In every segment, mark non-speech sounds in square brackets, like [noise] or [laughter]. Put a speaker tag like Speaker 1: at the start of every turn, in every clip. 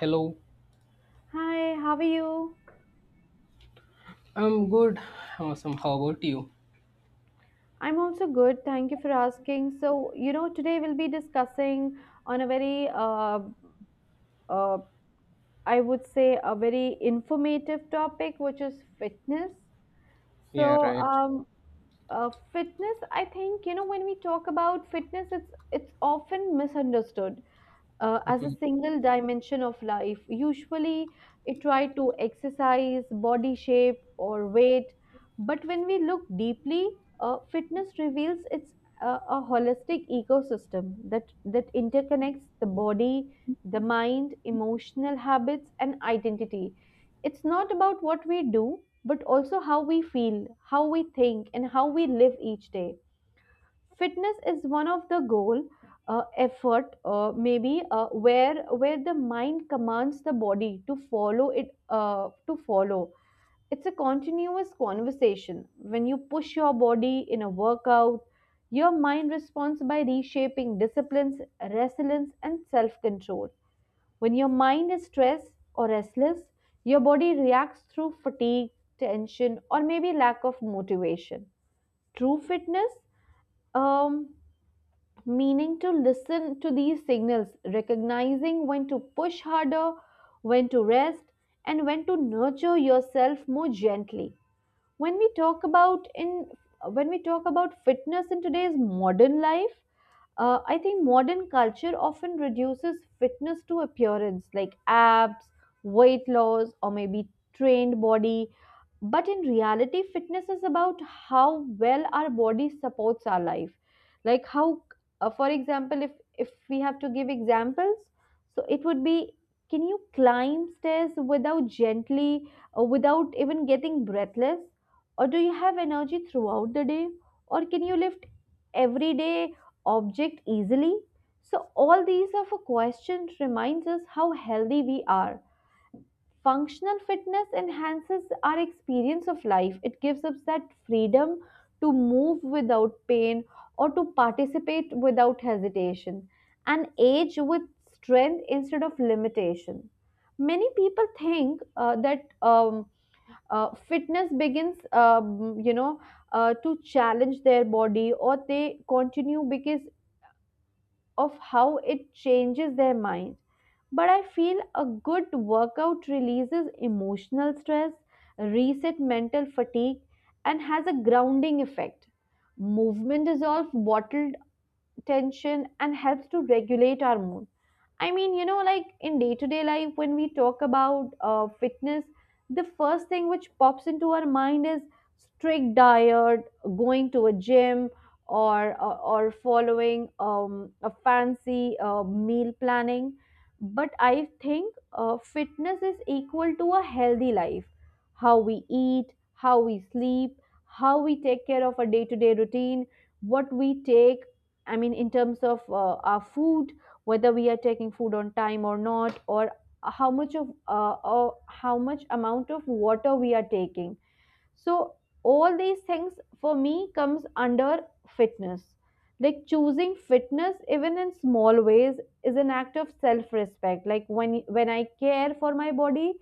Speaker 1: Hello.
Speaker 2: Hi, how are you?
Speaker 1: I'm good. I'm awesome. How about you?
Speaker 2: I'm also good. Thank you for asking. So, you know, today we'll be discussing on a very, uh, I would say, a very informative topic, which is fitness.
Speaker 1: Yeah,
Speaker 2: So,
Speaker 1: right.
Speaker 2: um, uh, fitness, I think, you know, when we talk about fitness, it's often misunderstood, as a
Speaker 1: Mhm.
Speaker 2: single dimension of life. Usually, it tried to exercise, body shape, or weight. But when we look deeply, fitness reveals it's a, a holistic ecosystem that interconnects the body, the mind, emotional habits, and identity. It's not about what we do, but also how we feel, how we think, and how we live each day. Fitness is one of the goal, effort, maybe where the mind commands the body to follow it, to follow. It's a continuous conversation. When you push your body in a workout, your mind responds by reshaping disciplines, resilience, and self control. When your mind is stressed or restless, your body reacts through fatigue, tension, or maybe lack of motivation. True fitness, um, meaning to listen to these signals, recognizing when to push harder, when to rest, and when to nurture yourself more gently. when we talk about in when we talk about fitness in today's modern life, I think modern culture often reduces fitness to appearance like abs, weight loss, or maybe trained body. But in reality fitness is about how well our body supports our life. Like how, for example, if we have to give examples, so it would be: can you climb stairs without gently or without even getting breathless? Or do you have energy throughout the day? Or can you lift everyday object easily? So all these of a question reminds us how healthy we are. Functional fitness enhances our experience of life. It gives us that freedom to move without pain or to participate without hesitation, and age with strength instead of limitation. Many people think that um, fitness begins, you know, to challenge their body, or they continue because of how it changes their mind. But I feel a good workout releases emotional stress, reset mental fatigue, and has a grounding effect. Movement dissolves bottled tension and helps to regulate our mood. I mean, you know, like in day to day life, when we talk about fitness, the first thing which pops into our mind is strict diet, going to a gym, or following a fancy meal planning. But I think fitness is equal to a healthy life. How we eat, how we sleep, how we take care of our day to day routine, what we take. I mean, in terms of our food, whether we are taking food on time or not, or how much of or how much amount of water we are taking. So all these things for me comes under fitness. Like choosing fitness even in small ways is an act of self respect. Like when I care for my body,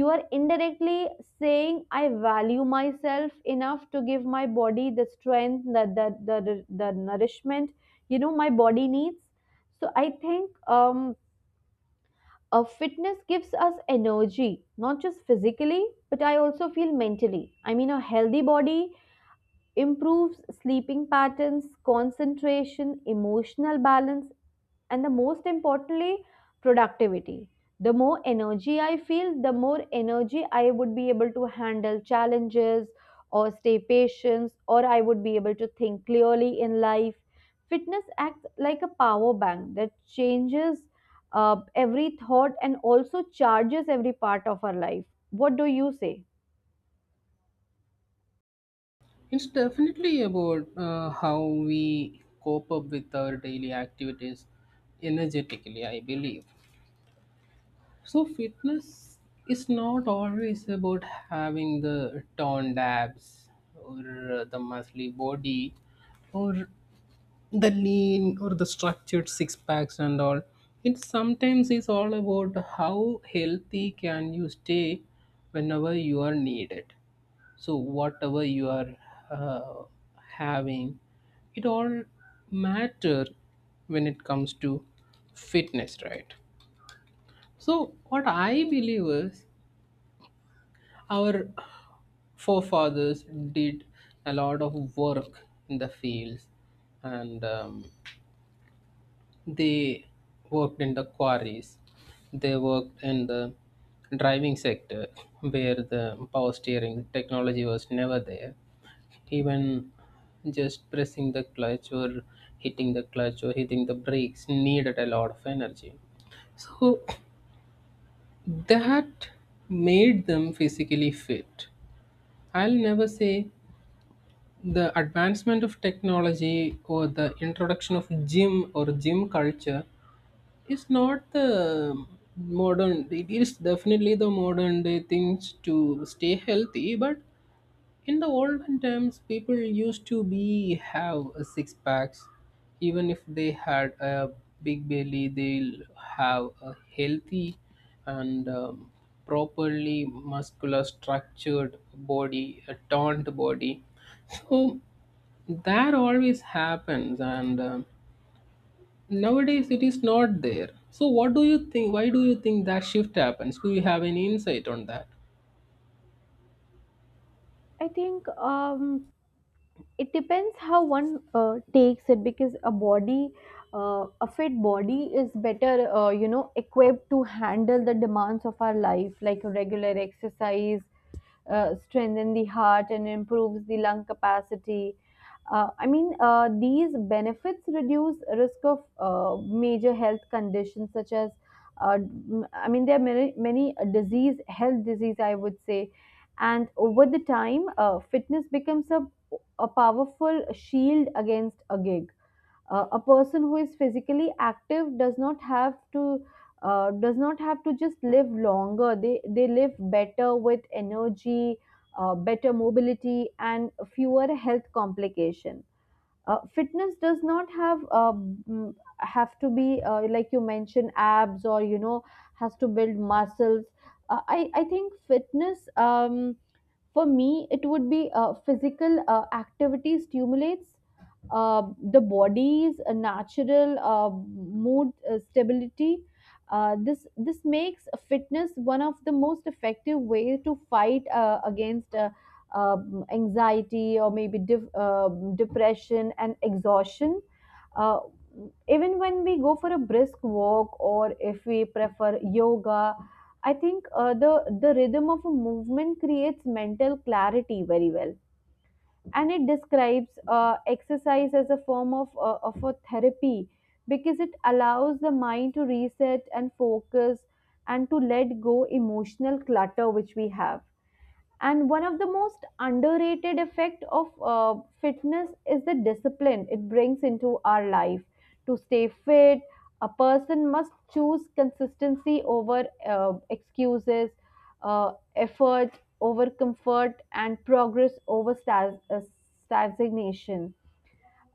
Speaker 2: you are indirectly saying I value myself enough to give my body the strength, the nourishment, you know, my body needs. So i think fitness gives us energy, not just physically, but I also feel mentally. I mean, a healthy body improves sleeping patterns, concentration, emotional balance, and the most importantly, productivity. The more energy I feel, the more energy I would be able to handle challenges or stay patient, or I would be able to think clearly in life. Fitness acts like a power bank that changes every thought and also charges every part of our life. What do you say?
Speaker 1: It's definitely about how we cope up with our daily activities energetically, I believe. So, fitness is not always about having the toned abs or the muscly body, or the lean, or the structured six packs and all. It sometimes is all about how healthy can you stay whenever you are needed. So whatever you are uh, having, it all matter when it comes to fitness, right? So what I believe is our forefathers did a lot of work in the fields, and they worked in the quarries, they worked in the driving sector where the power steering technology was never there. Even just pressing the clutch or hitting the clutch or hitting the brakes needed a lot of energy. So that made them physically fit. I'll never say the advancement of technology or the introduction of gym or gym culture. It's not the modern, it is definitely the modern day things to stay healthy, but in the olden times, people used to be have a six packs. Even if they had a big belly, they'll have a healthy and properly muscular structured body, a toned body. So that always happens, and nowadays, it is not there. So, what do you think? Why do you think that shift happens? Do you have any insight on that?
Speaker 2: I think it depends how one takes it, because a body, a fit body is better, you know, equipped to handle the demands of our life. Like regular exercise strengthen the heart and improves the lung capacity. I mean, these benefits reduce risk of major health conditions such as, uh, I mean, there are many disease, health disease, I would say. And over the time, fitness becomes a powerful shield against a gig. A person who is physically active does not have to, does not have to just live longer. They live better with energy, better mobility, and fewer health complications. Fitness does not have have to be, like you mentioned, abs, or you know, has to build muscles. I think fitness, for me, it would be, physical activity stimulates the body's natural mood stability. This makes fitness one of the most effective ways to fight against anxiety or maybe depression and exhaustion. Uh, Even when we go for a brisk walk or if we prefer yoga, I think the rhythm of a movement creates mental clarity very well, and it describes exercise as a form of a therapy, because it allows the mind to reset and focus and to let go emotional clutter which we have. And one of the most underrated effect of fitness is the discipline it brings into our life. To stay fit, a person must choose consistency over excuses, effort over comfort, and progress over stagnation.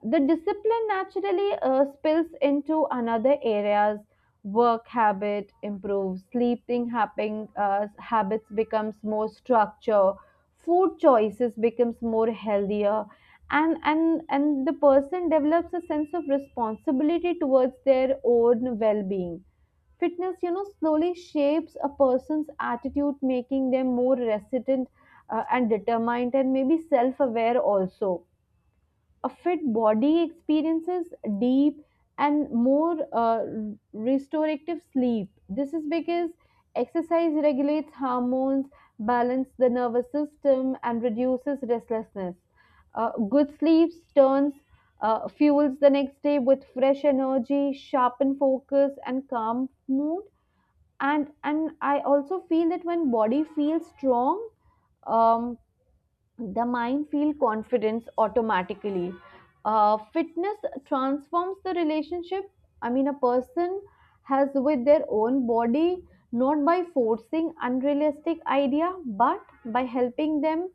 Speaker 2: The discipline naturally spills into another areas. Work habit improves, sleeping habits becomes more structure, food choices becomes more healthier, and the person develops a sense of responsibility towards their own well-being. Fitness, you know, slowly shapes a person's attitude, making them more resilient, and determined, and maybe self-aware also. A fit body experiences deep and more restorative sleep. This is because exercise regulates hormones, balances the nervous system, and reduces restlessness. Good sleep turns, fuels the next day with fresh energy, sharpen focus, and calm mood. And I also feel that when body feels strong, um, the mind feel confidence automatically. Fitness transforms the relationship, I mean, a person has with their own body, not by forcing unrealistic idea, but by helping them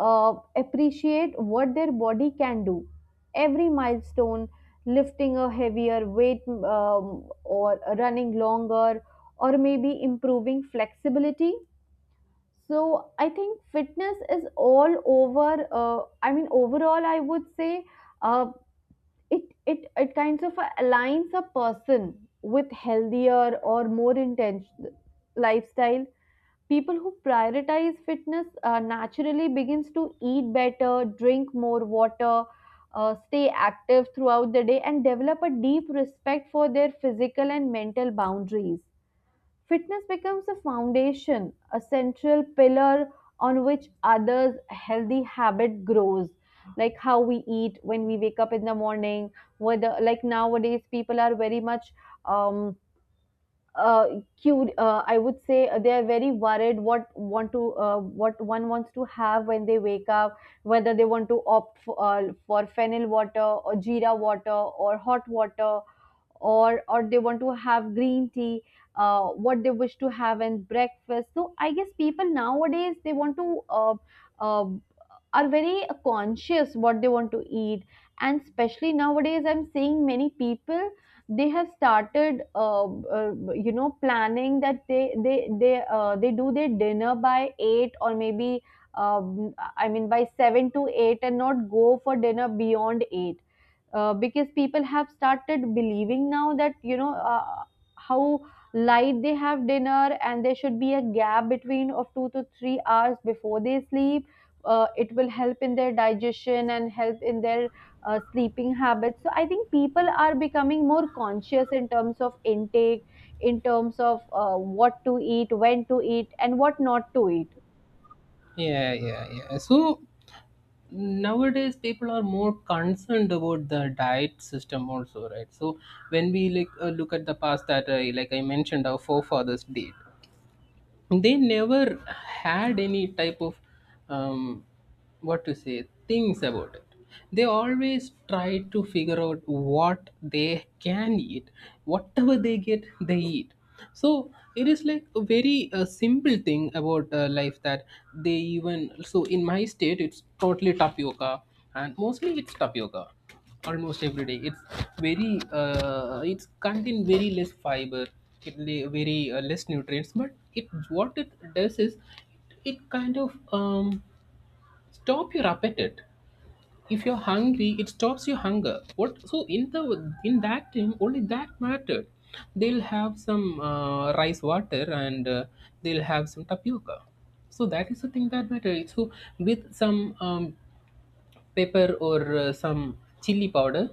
Speaker 2: appreciate what their body can do. Every milestone: lifting a heavier weight, um, or running longer, or maybe improving flexibility. So I think fitness is all over. I mean, overall, I would say, uh, it it kinds of aligns a person with healthier or more intentional lifestyle. People who prioritize fitness naturally begins to eat better, drink more water, stay active throughout the day, and develop a deep respect for their physical and mental boundaries. Fitness becomes a foundation, a central pillar on which others' healthy habit grows. Like how we eat when we wake up in the morning, whether, like, nowadays people are very much um, uh, cute. I would say they are very worried what want to, what one wants to have when they wake up, whether they want to opt for fennel water or jeera water or hot water, or they want to have green tea. What they wish to have in breakfast. So I guess people nowadays they want to, uh, are very conscious what they want to eat. And especially nowadays I'm seeing many people they have started, you know, planning that they do their dinner by 8, or maybe I mean by 7 to 8, and not go for dinner beyond 8. Because people have started believing now that, you know, how light they have dinner, and there should be a gap between of 2 to 3 hours before they sleep. It will help in their digestion and help in their sleeping habits. So I think people are becoming more conscious in terms of intake, in terms of what to eat, when to eat, and what not to eat.
Speaker 1: Yeah, yeah, yeah. So nowadays people are more concerned about the diet system also, right? So when we like look at the past that, like I mentioned, our forefathers did, they never had any type of um, what to say things about it. They always try to figure out what they can eat. Whatever they get, they eat. So it is like a very simple thing about life that they even, so in my state it's totally tapioca, and mostly it's tapioca almost every day. It's very it's contain very less fiber, very less nutrients, but it what it does is it kind of stop your appetite. If you're hungry, it stops your hunger. What? So in the, in that time only, that mattered. They'll have some rice water, and they'll have some tapioca. So that is the thing that matters. So with some pepper or some chili powder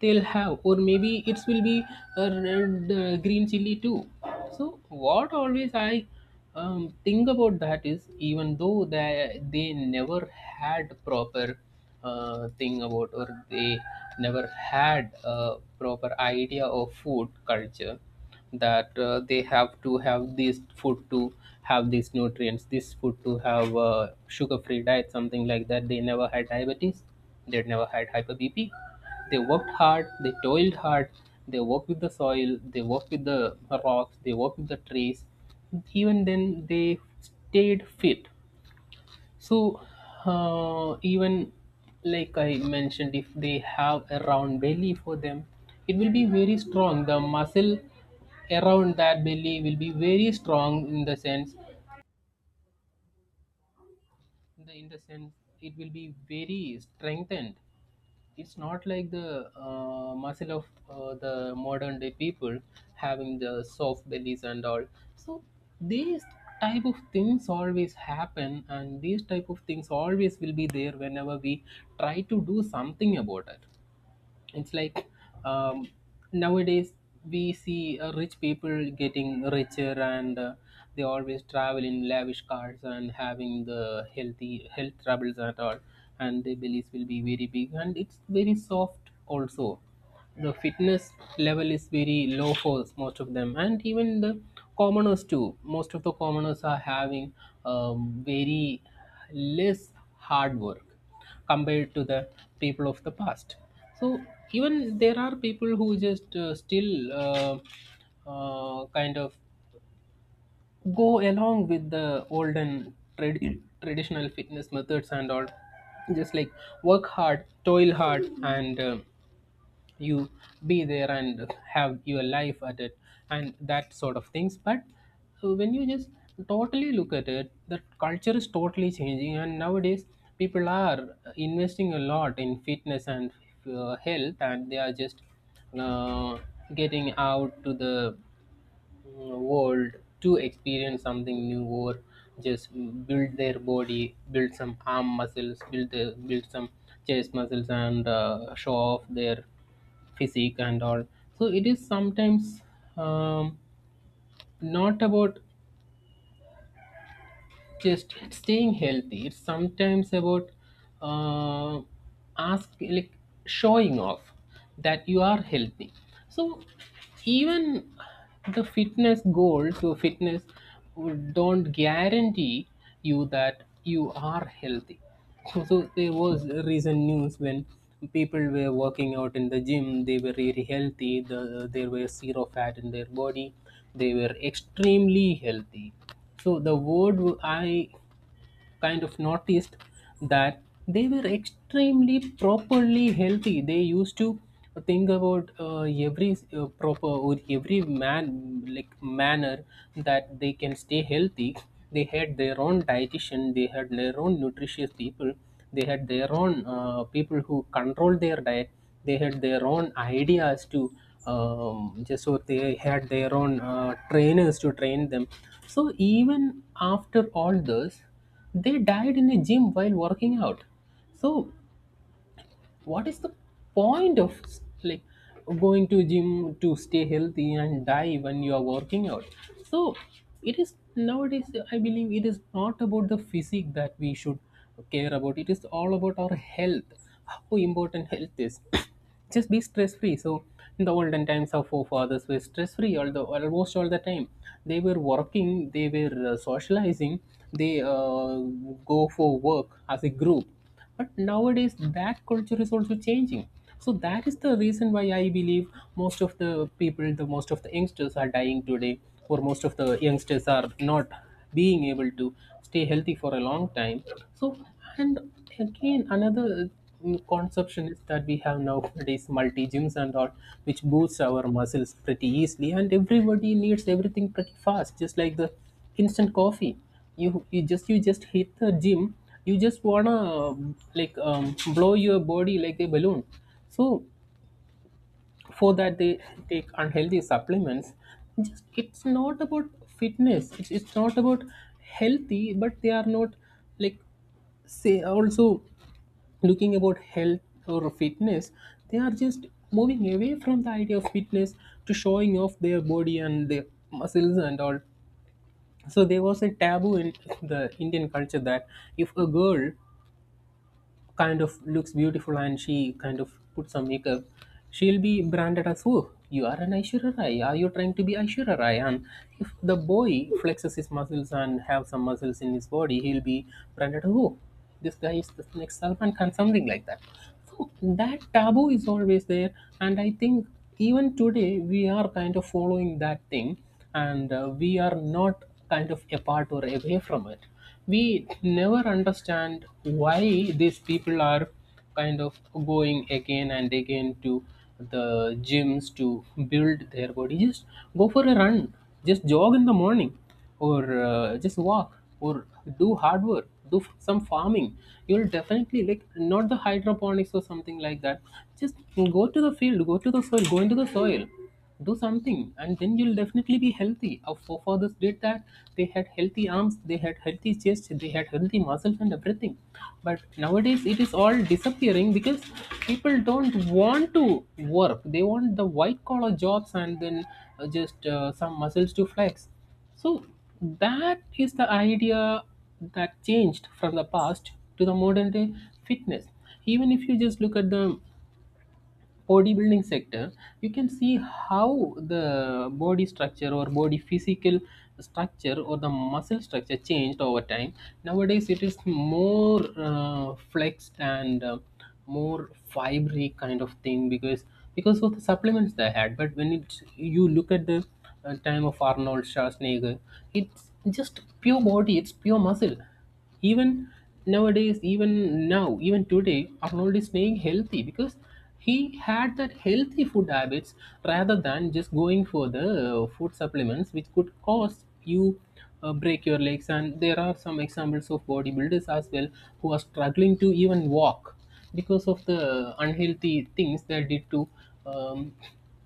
Speaker 1: they'll have, or maybe it will be a red, green chili too. So what always I think about that is, even though they never had proper thing about, or they never had a proper idea of food culture, that they have to have this food to have these nutrients, this food to have sugar free diet, something like that, they never had diabetes, they never had hyper BP. They worked hard, they toiled hard, they worked with the soil, they worked with the rocks, they worked with the trees. Even then they stayed fit. So, even like I mentioned, if they have a round belly, for them it will be very strong. The muscle around that belly will be very strong, in the sense it will be very strengthened. It's not like the muscle of the modern day people having the soft bellies and all. So these type of things always happen, and these type of things always will be there whenever we try to do something about it. It's like, um, nowadays we see rich people getting richer, and they always travel in lavish cars and having the healthy health troubles at all, and their bellies will be very big, and it's very soft also. The fitness level is very low for most of them, and even the commoners too. Most of the commoners are having very less hard work compared to the people of the past. So even there are people who just still kind of go along with the olden traditional fitness methods and all, just like work hard, toil hard, and you, be there and have your life at it, and that sort of things. But when you just totally look at it, the culture is totally changing, and nowadays people are investing a lot in fitness and health, and they are just uh, getting out to the, world to experience something new, or just build their body, build some arm muscles, build some chest muscles, and show off their physique and all. So it is sometimes, um, not about just staying healthy, it's sometimes about, uh, ask like, showing off that you are healthy. So even the fitness goals or fitness don't guarantee you that you are healthy. So there was recent news when people were working out in the gym, they were really healthy, there was zero fat in their body, they were extremely healthy. So the word I kind of noticed that they were extremely properly healthy. They used to think about every proper or every man like manner that they can stay healthy. They had their own dietitian. They had their own nutritious people. They had their own people who control their diet. They had their own ideas to just so they had their own trainers to train them. So even after all this, they died in a gym while working out. So what is the point of like going to gym to stay healthy and die when you are working out? So it is, nowadays I believe, it is not about the physique that we should care about, it is all about our health, how important health is. [coughs] Just be stress free. So in the olden times our forefathers were stress free, although almost all the time they were working, they were socializing, they go for work as a group. But nowadays, that culture is also changing. So that is the reason why I believe most of the people, the most of the youngsters are dying today, or most of the youngsters are not being able to stay healthy for a long time. So, and again, another conception is that we have nowadays multi gyms and all, which boosts our muscles pretty easily, and everybody needs everything pretty fast, just like the instant coffee. You just hit the gym, you just wanna, blow your body like a balloon. So for that they take unhealthy supplements. Just, it's not about fitness, it's not about healthy, but they are not, like, say also looking about health or fitness. They are just moving away from the idea of fitness to showing off their body and their muscles and all. So there was a taboo in the Indian culture that, if a girl kind of looks beautiful and she kind of puts some makeup, she'll be branded as, oh, you are an Aishwarya Rai, are you trying to be Aishwarya Rai? And if the boy flexes his muscles and have some muscles in his body, he'll be branded as, oh, this guy is the next Salman Khan, something like that. So that taboo is always there, and I think even today we are kind of following that thing, and we are not kind of apart or away from it. We never understand why these people are kind of going again and again to the gyms to build their body. Just go for a run, just jog in the morning, or just walk, or do hard work, do some farming. You'll definitely, like, not the hydroponics or something like that, just go to the field, go to the soil, go into the soil, do something, and then you'll definitely be healthy. Our forefathers did that. They had healthy arms, they had healthy chest, they had healthy muscles and everything. But nowadays it is all disappearing because people don't want to work, they want the white collar jobs, and then just some muscles to flex. So that is the idea that changed from the past to the modern day fitness. Even if you just look at the bodybuilding sector, you can see how the body structure, or body physical structure, or the muscle structure changed over time. Nowadays it is more flexed and more fibery kind of thing, because of the supplements they had. But when it, you look at the time of Arnold Schwarzenegger, it's just pure body, it's pure muscle. Even nowadays, even now, even today, Arnold is staying healthy because he had that healthy food habits, rather than just going for the food supplements, which could cause you break your legs. And there are some examples of bodybuilders as well who are struggling to even walk because of the unhealthy things they did to um,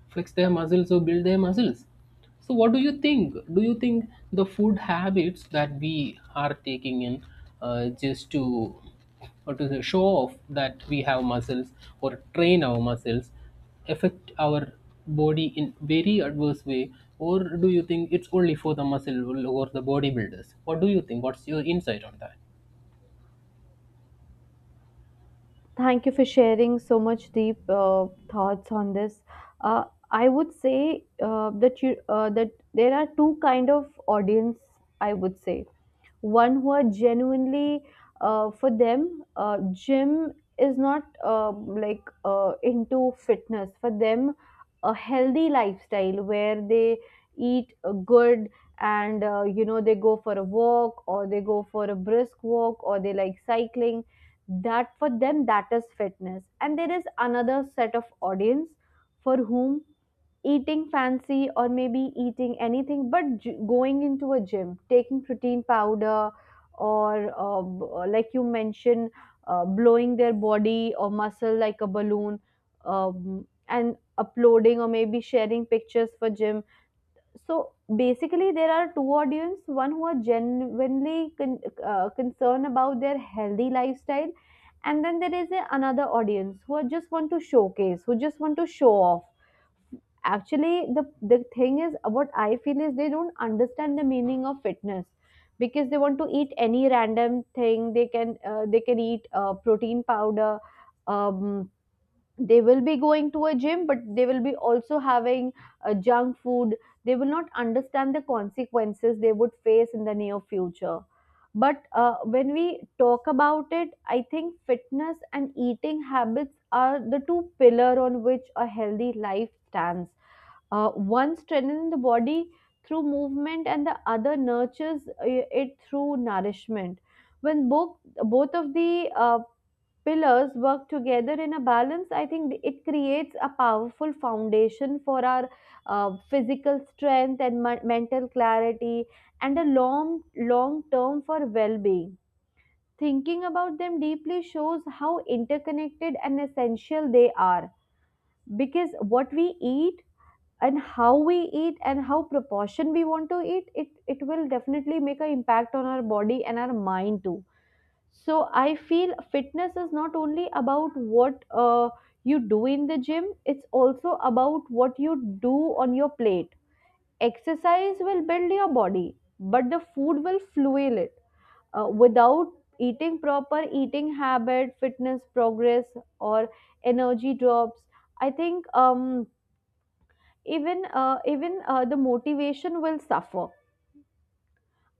Speaker 1: flex their muscles or build their muscles. So, what do you think? Do you think the food habits that we are taking in just to, or to show off that we have muscles, or train our muscles, affect our body in very adverse way, or do you think it's only for the muscle or the bodybuilders? What do you think? What's your insight on that?
Speaker 2: Thank you for sharing so much deep thoughts on this. Uh, I would say that you that there are two kind of audience. I would say one who are genuinely for them, gym is not like into fitness. For them a healthy lifestyle where they eat good and they go for a walk or they go for a brisk walk or they like cycling, that for them that is fitness. And there is another set of audience for whom eating fancy or maybe eating anything but going into a gym, taking protein powder or like you mentioned, blowing their body or muscle like a balloon, and uploading or maybe sharing pictures for gym. So basically there are two audience, one who are genuinely concerned about their healthy lifestyle, and then there is another audience who are just want to showcase, who just want to show off. Actually, the thing is what I feel is they don't understand the meaning of fitness, because they want to eat any random thing. They can they can eat protein powder. um, they will be going to a gym but they will be also having junk food. They will not understand the consequences they would face in the near future. But when we talk about it, I think fitness and eating habits are the two pillar on which a healthy life stands. One strengthens the body through movement, and the other nurtures it through nourishment. When both, both of the pillars work together in a balance, I think it creates a powerful foundation for our physical strength and mental clarity and a long, long term for well being. Thinking about them deeply shows how interconnected and essential they are, because what we eat and how we eat and how proportion we want to eat it, it will definitely make an impact on our body and our mind too. So I feel fitness is not only about what you do in the gym, it's also about what you do on your plate. Exercise will build your body, but the food will fuel it. Without eating proper eating habit, fitness progress or energy drops, I think even the motivation will suffer.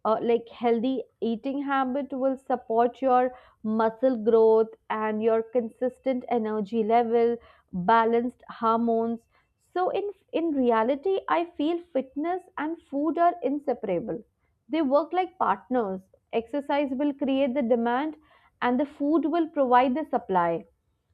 Speaker 2: Like, healthy eating habit will support your muscle growth and your consistent energy level, balanced hormones. So in reality I feel fitness and food are inseparable. They work like partners. Exercise will create the demand, and the food will provide the supply.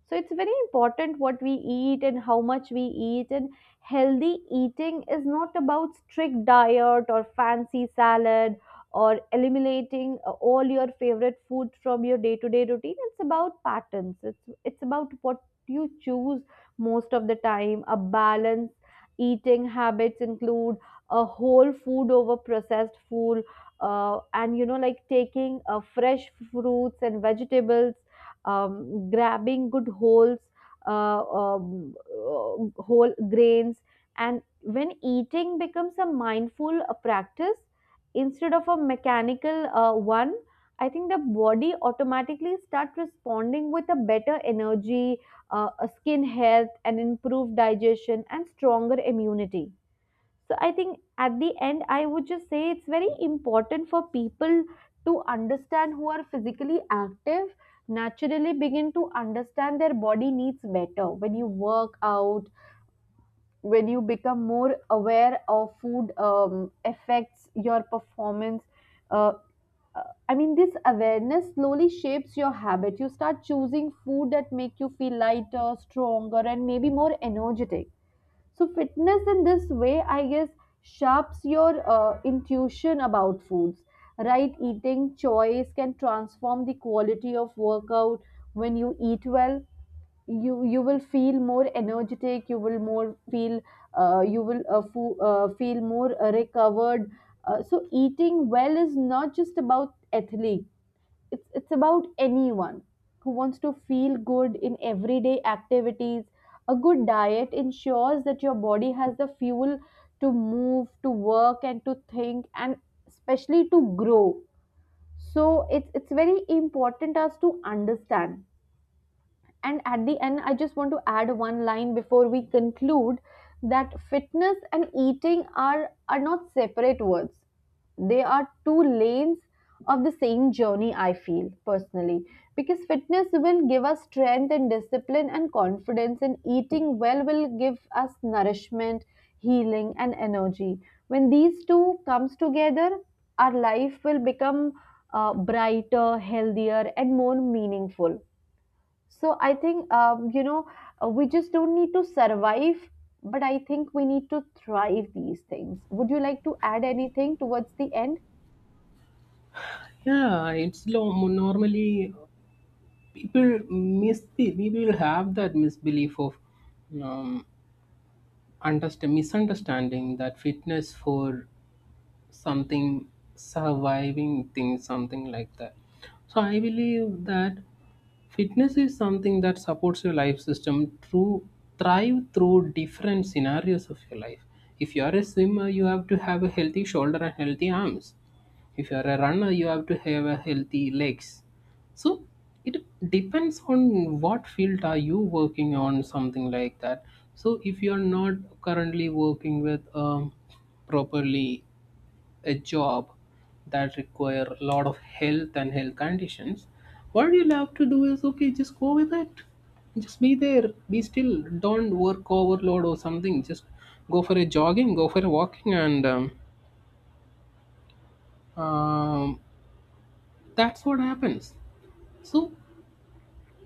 Speaker 2: So it's very important what we eat and how much we eat. And healthy eating is not about strict diet or fancy salad or eliminating all your favorite food from your day-to-day routine. It's about patterns. It's about what you choose most of the time. A balanced eating habits include a whole food over processed food, and you know like taking fresh fruits and vegetables, grabbing good holes, whole grains. And when eating becomes a mindful practice instead of a mechanical one, I think the body automatically start responding with a better energy, a skin health, and improved digestion and stronger immunity. So I think at the end, I would just say it's very important for people to understand, who are physically active, naturally begin to understand their body needs better. When you work out, when you become more aware of food affects your performance. Uh, uh, I mean, this awareness slowly shapes your habit. You start choosing food that make you feel lighter, stronger, and maybe more energetic. So, fitness in this way, I guess, sharps your intuition about foods. Right eating choice can transform the quality of workout. When you eat well, you will feel more energetic. You will more feel you will feel more recovered. So, eating well is not just about athletes, it's about anyone who wants to feel good in everyday activities. A good diet ensures that your body has the fuel to move, to work, and to think, and especially to grow. So it's very important us to understand. And at the end, I just want to add one line before we conclude, that fitness and eating are not separate words. They are two lanes of the same journey, I feel personally. Because fitness will give us strength and discipline and confidence, and eating well will give us nourishment, healing, and energy. When these two comes together, our life will become brighter, healthier, and more meaningful. So I think we just don't need to survive, but I think we need to thrive these things. Would you like to add anything towards the end?
Speaker 1: Yeah, normally people miss, people have that misbelief of um, understand misunderstanding that fitness for something surviving, things something like that. So I believe that fitness is something that supports your life system through thrive through different scenarios of your life. If you are a swimmer, you have to have a healthy shoulder and healthy arms. If you are a runner, you have to have a healthy legs. So it depends on what field are you working on, something like that. So if you are not currently working with properly a job that require a lot of health and health conditions, what you have to do is okay, just go with it. Just be there, be still, don't work overload or something, just go for a jogging, go for a walking, and um, that's what happens. So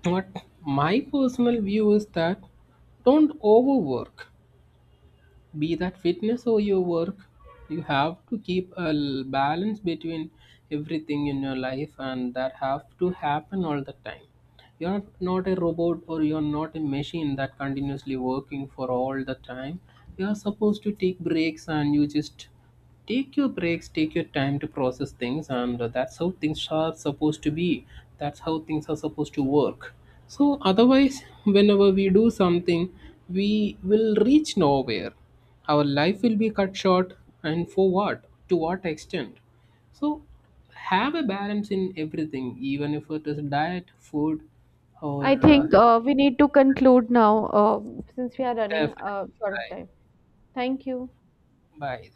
Speaker 1: what my personal view is that, don't overwork, be that fitness or your work. You have to keep a balance between everything in your life, and that have to happen all the time. You're not a robot, or you're not a machine that continuously working for all the time. You're supposed to take breaks, and you just take your breaks, take your time to process things, and that's how things are supposed to be, that's how things are supposed to work. So otherwise whenever we do something, we will reach nowhere, our life will be cut short, and for what, to what extent. So have a balance in everything, even if it is diet, food, or
Speaker 2: I
Speaker 1: uh,
Speaker 2: think we need to conclude now, since we are running
Speaker 1: definitely
Speaker 2: short of
Speaker 1: right.
Speaker 2: time. Thank you.
Speaker 1: Bye.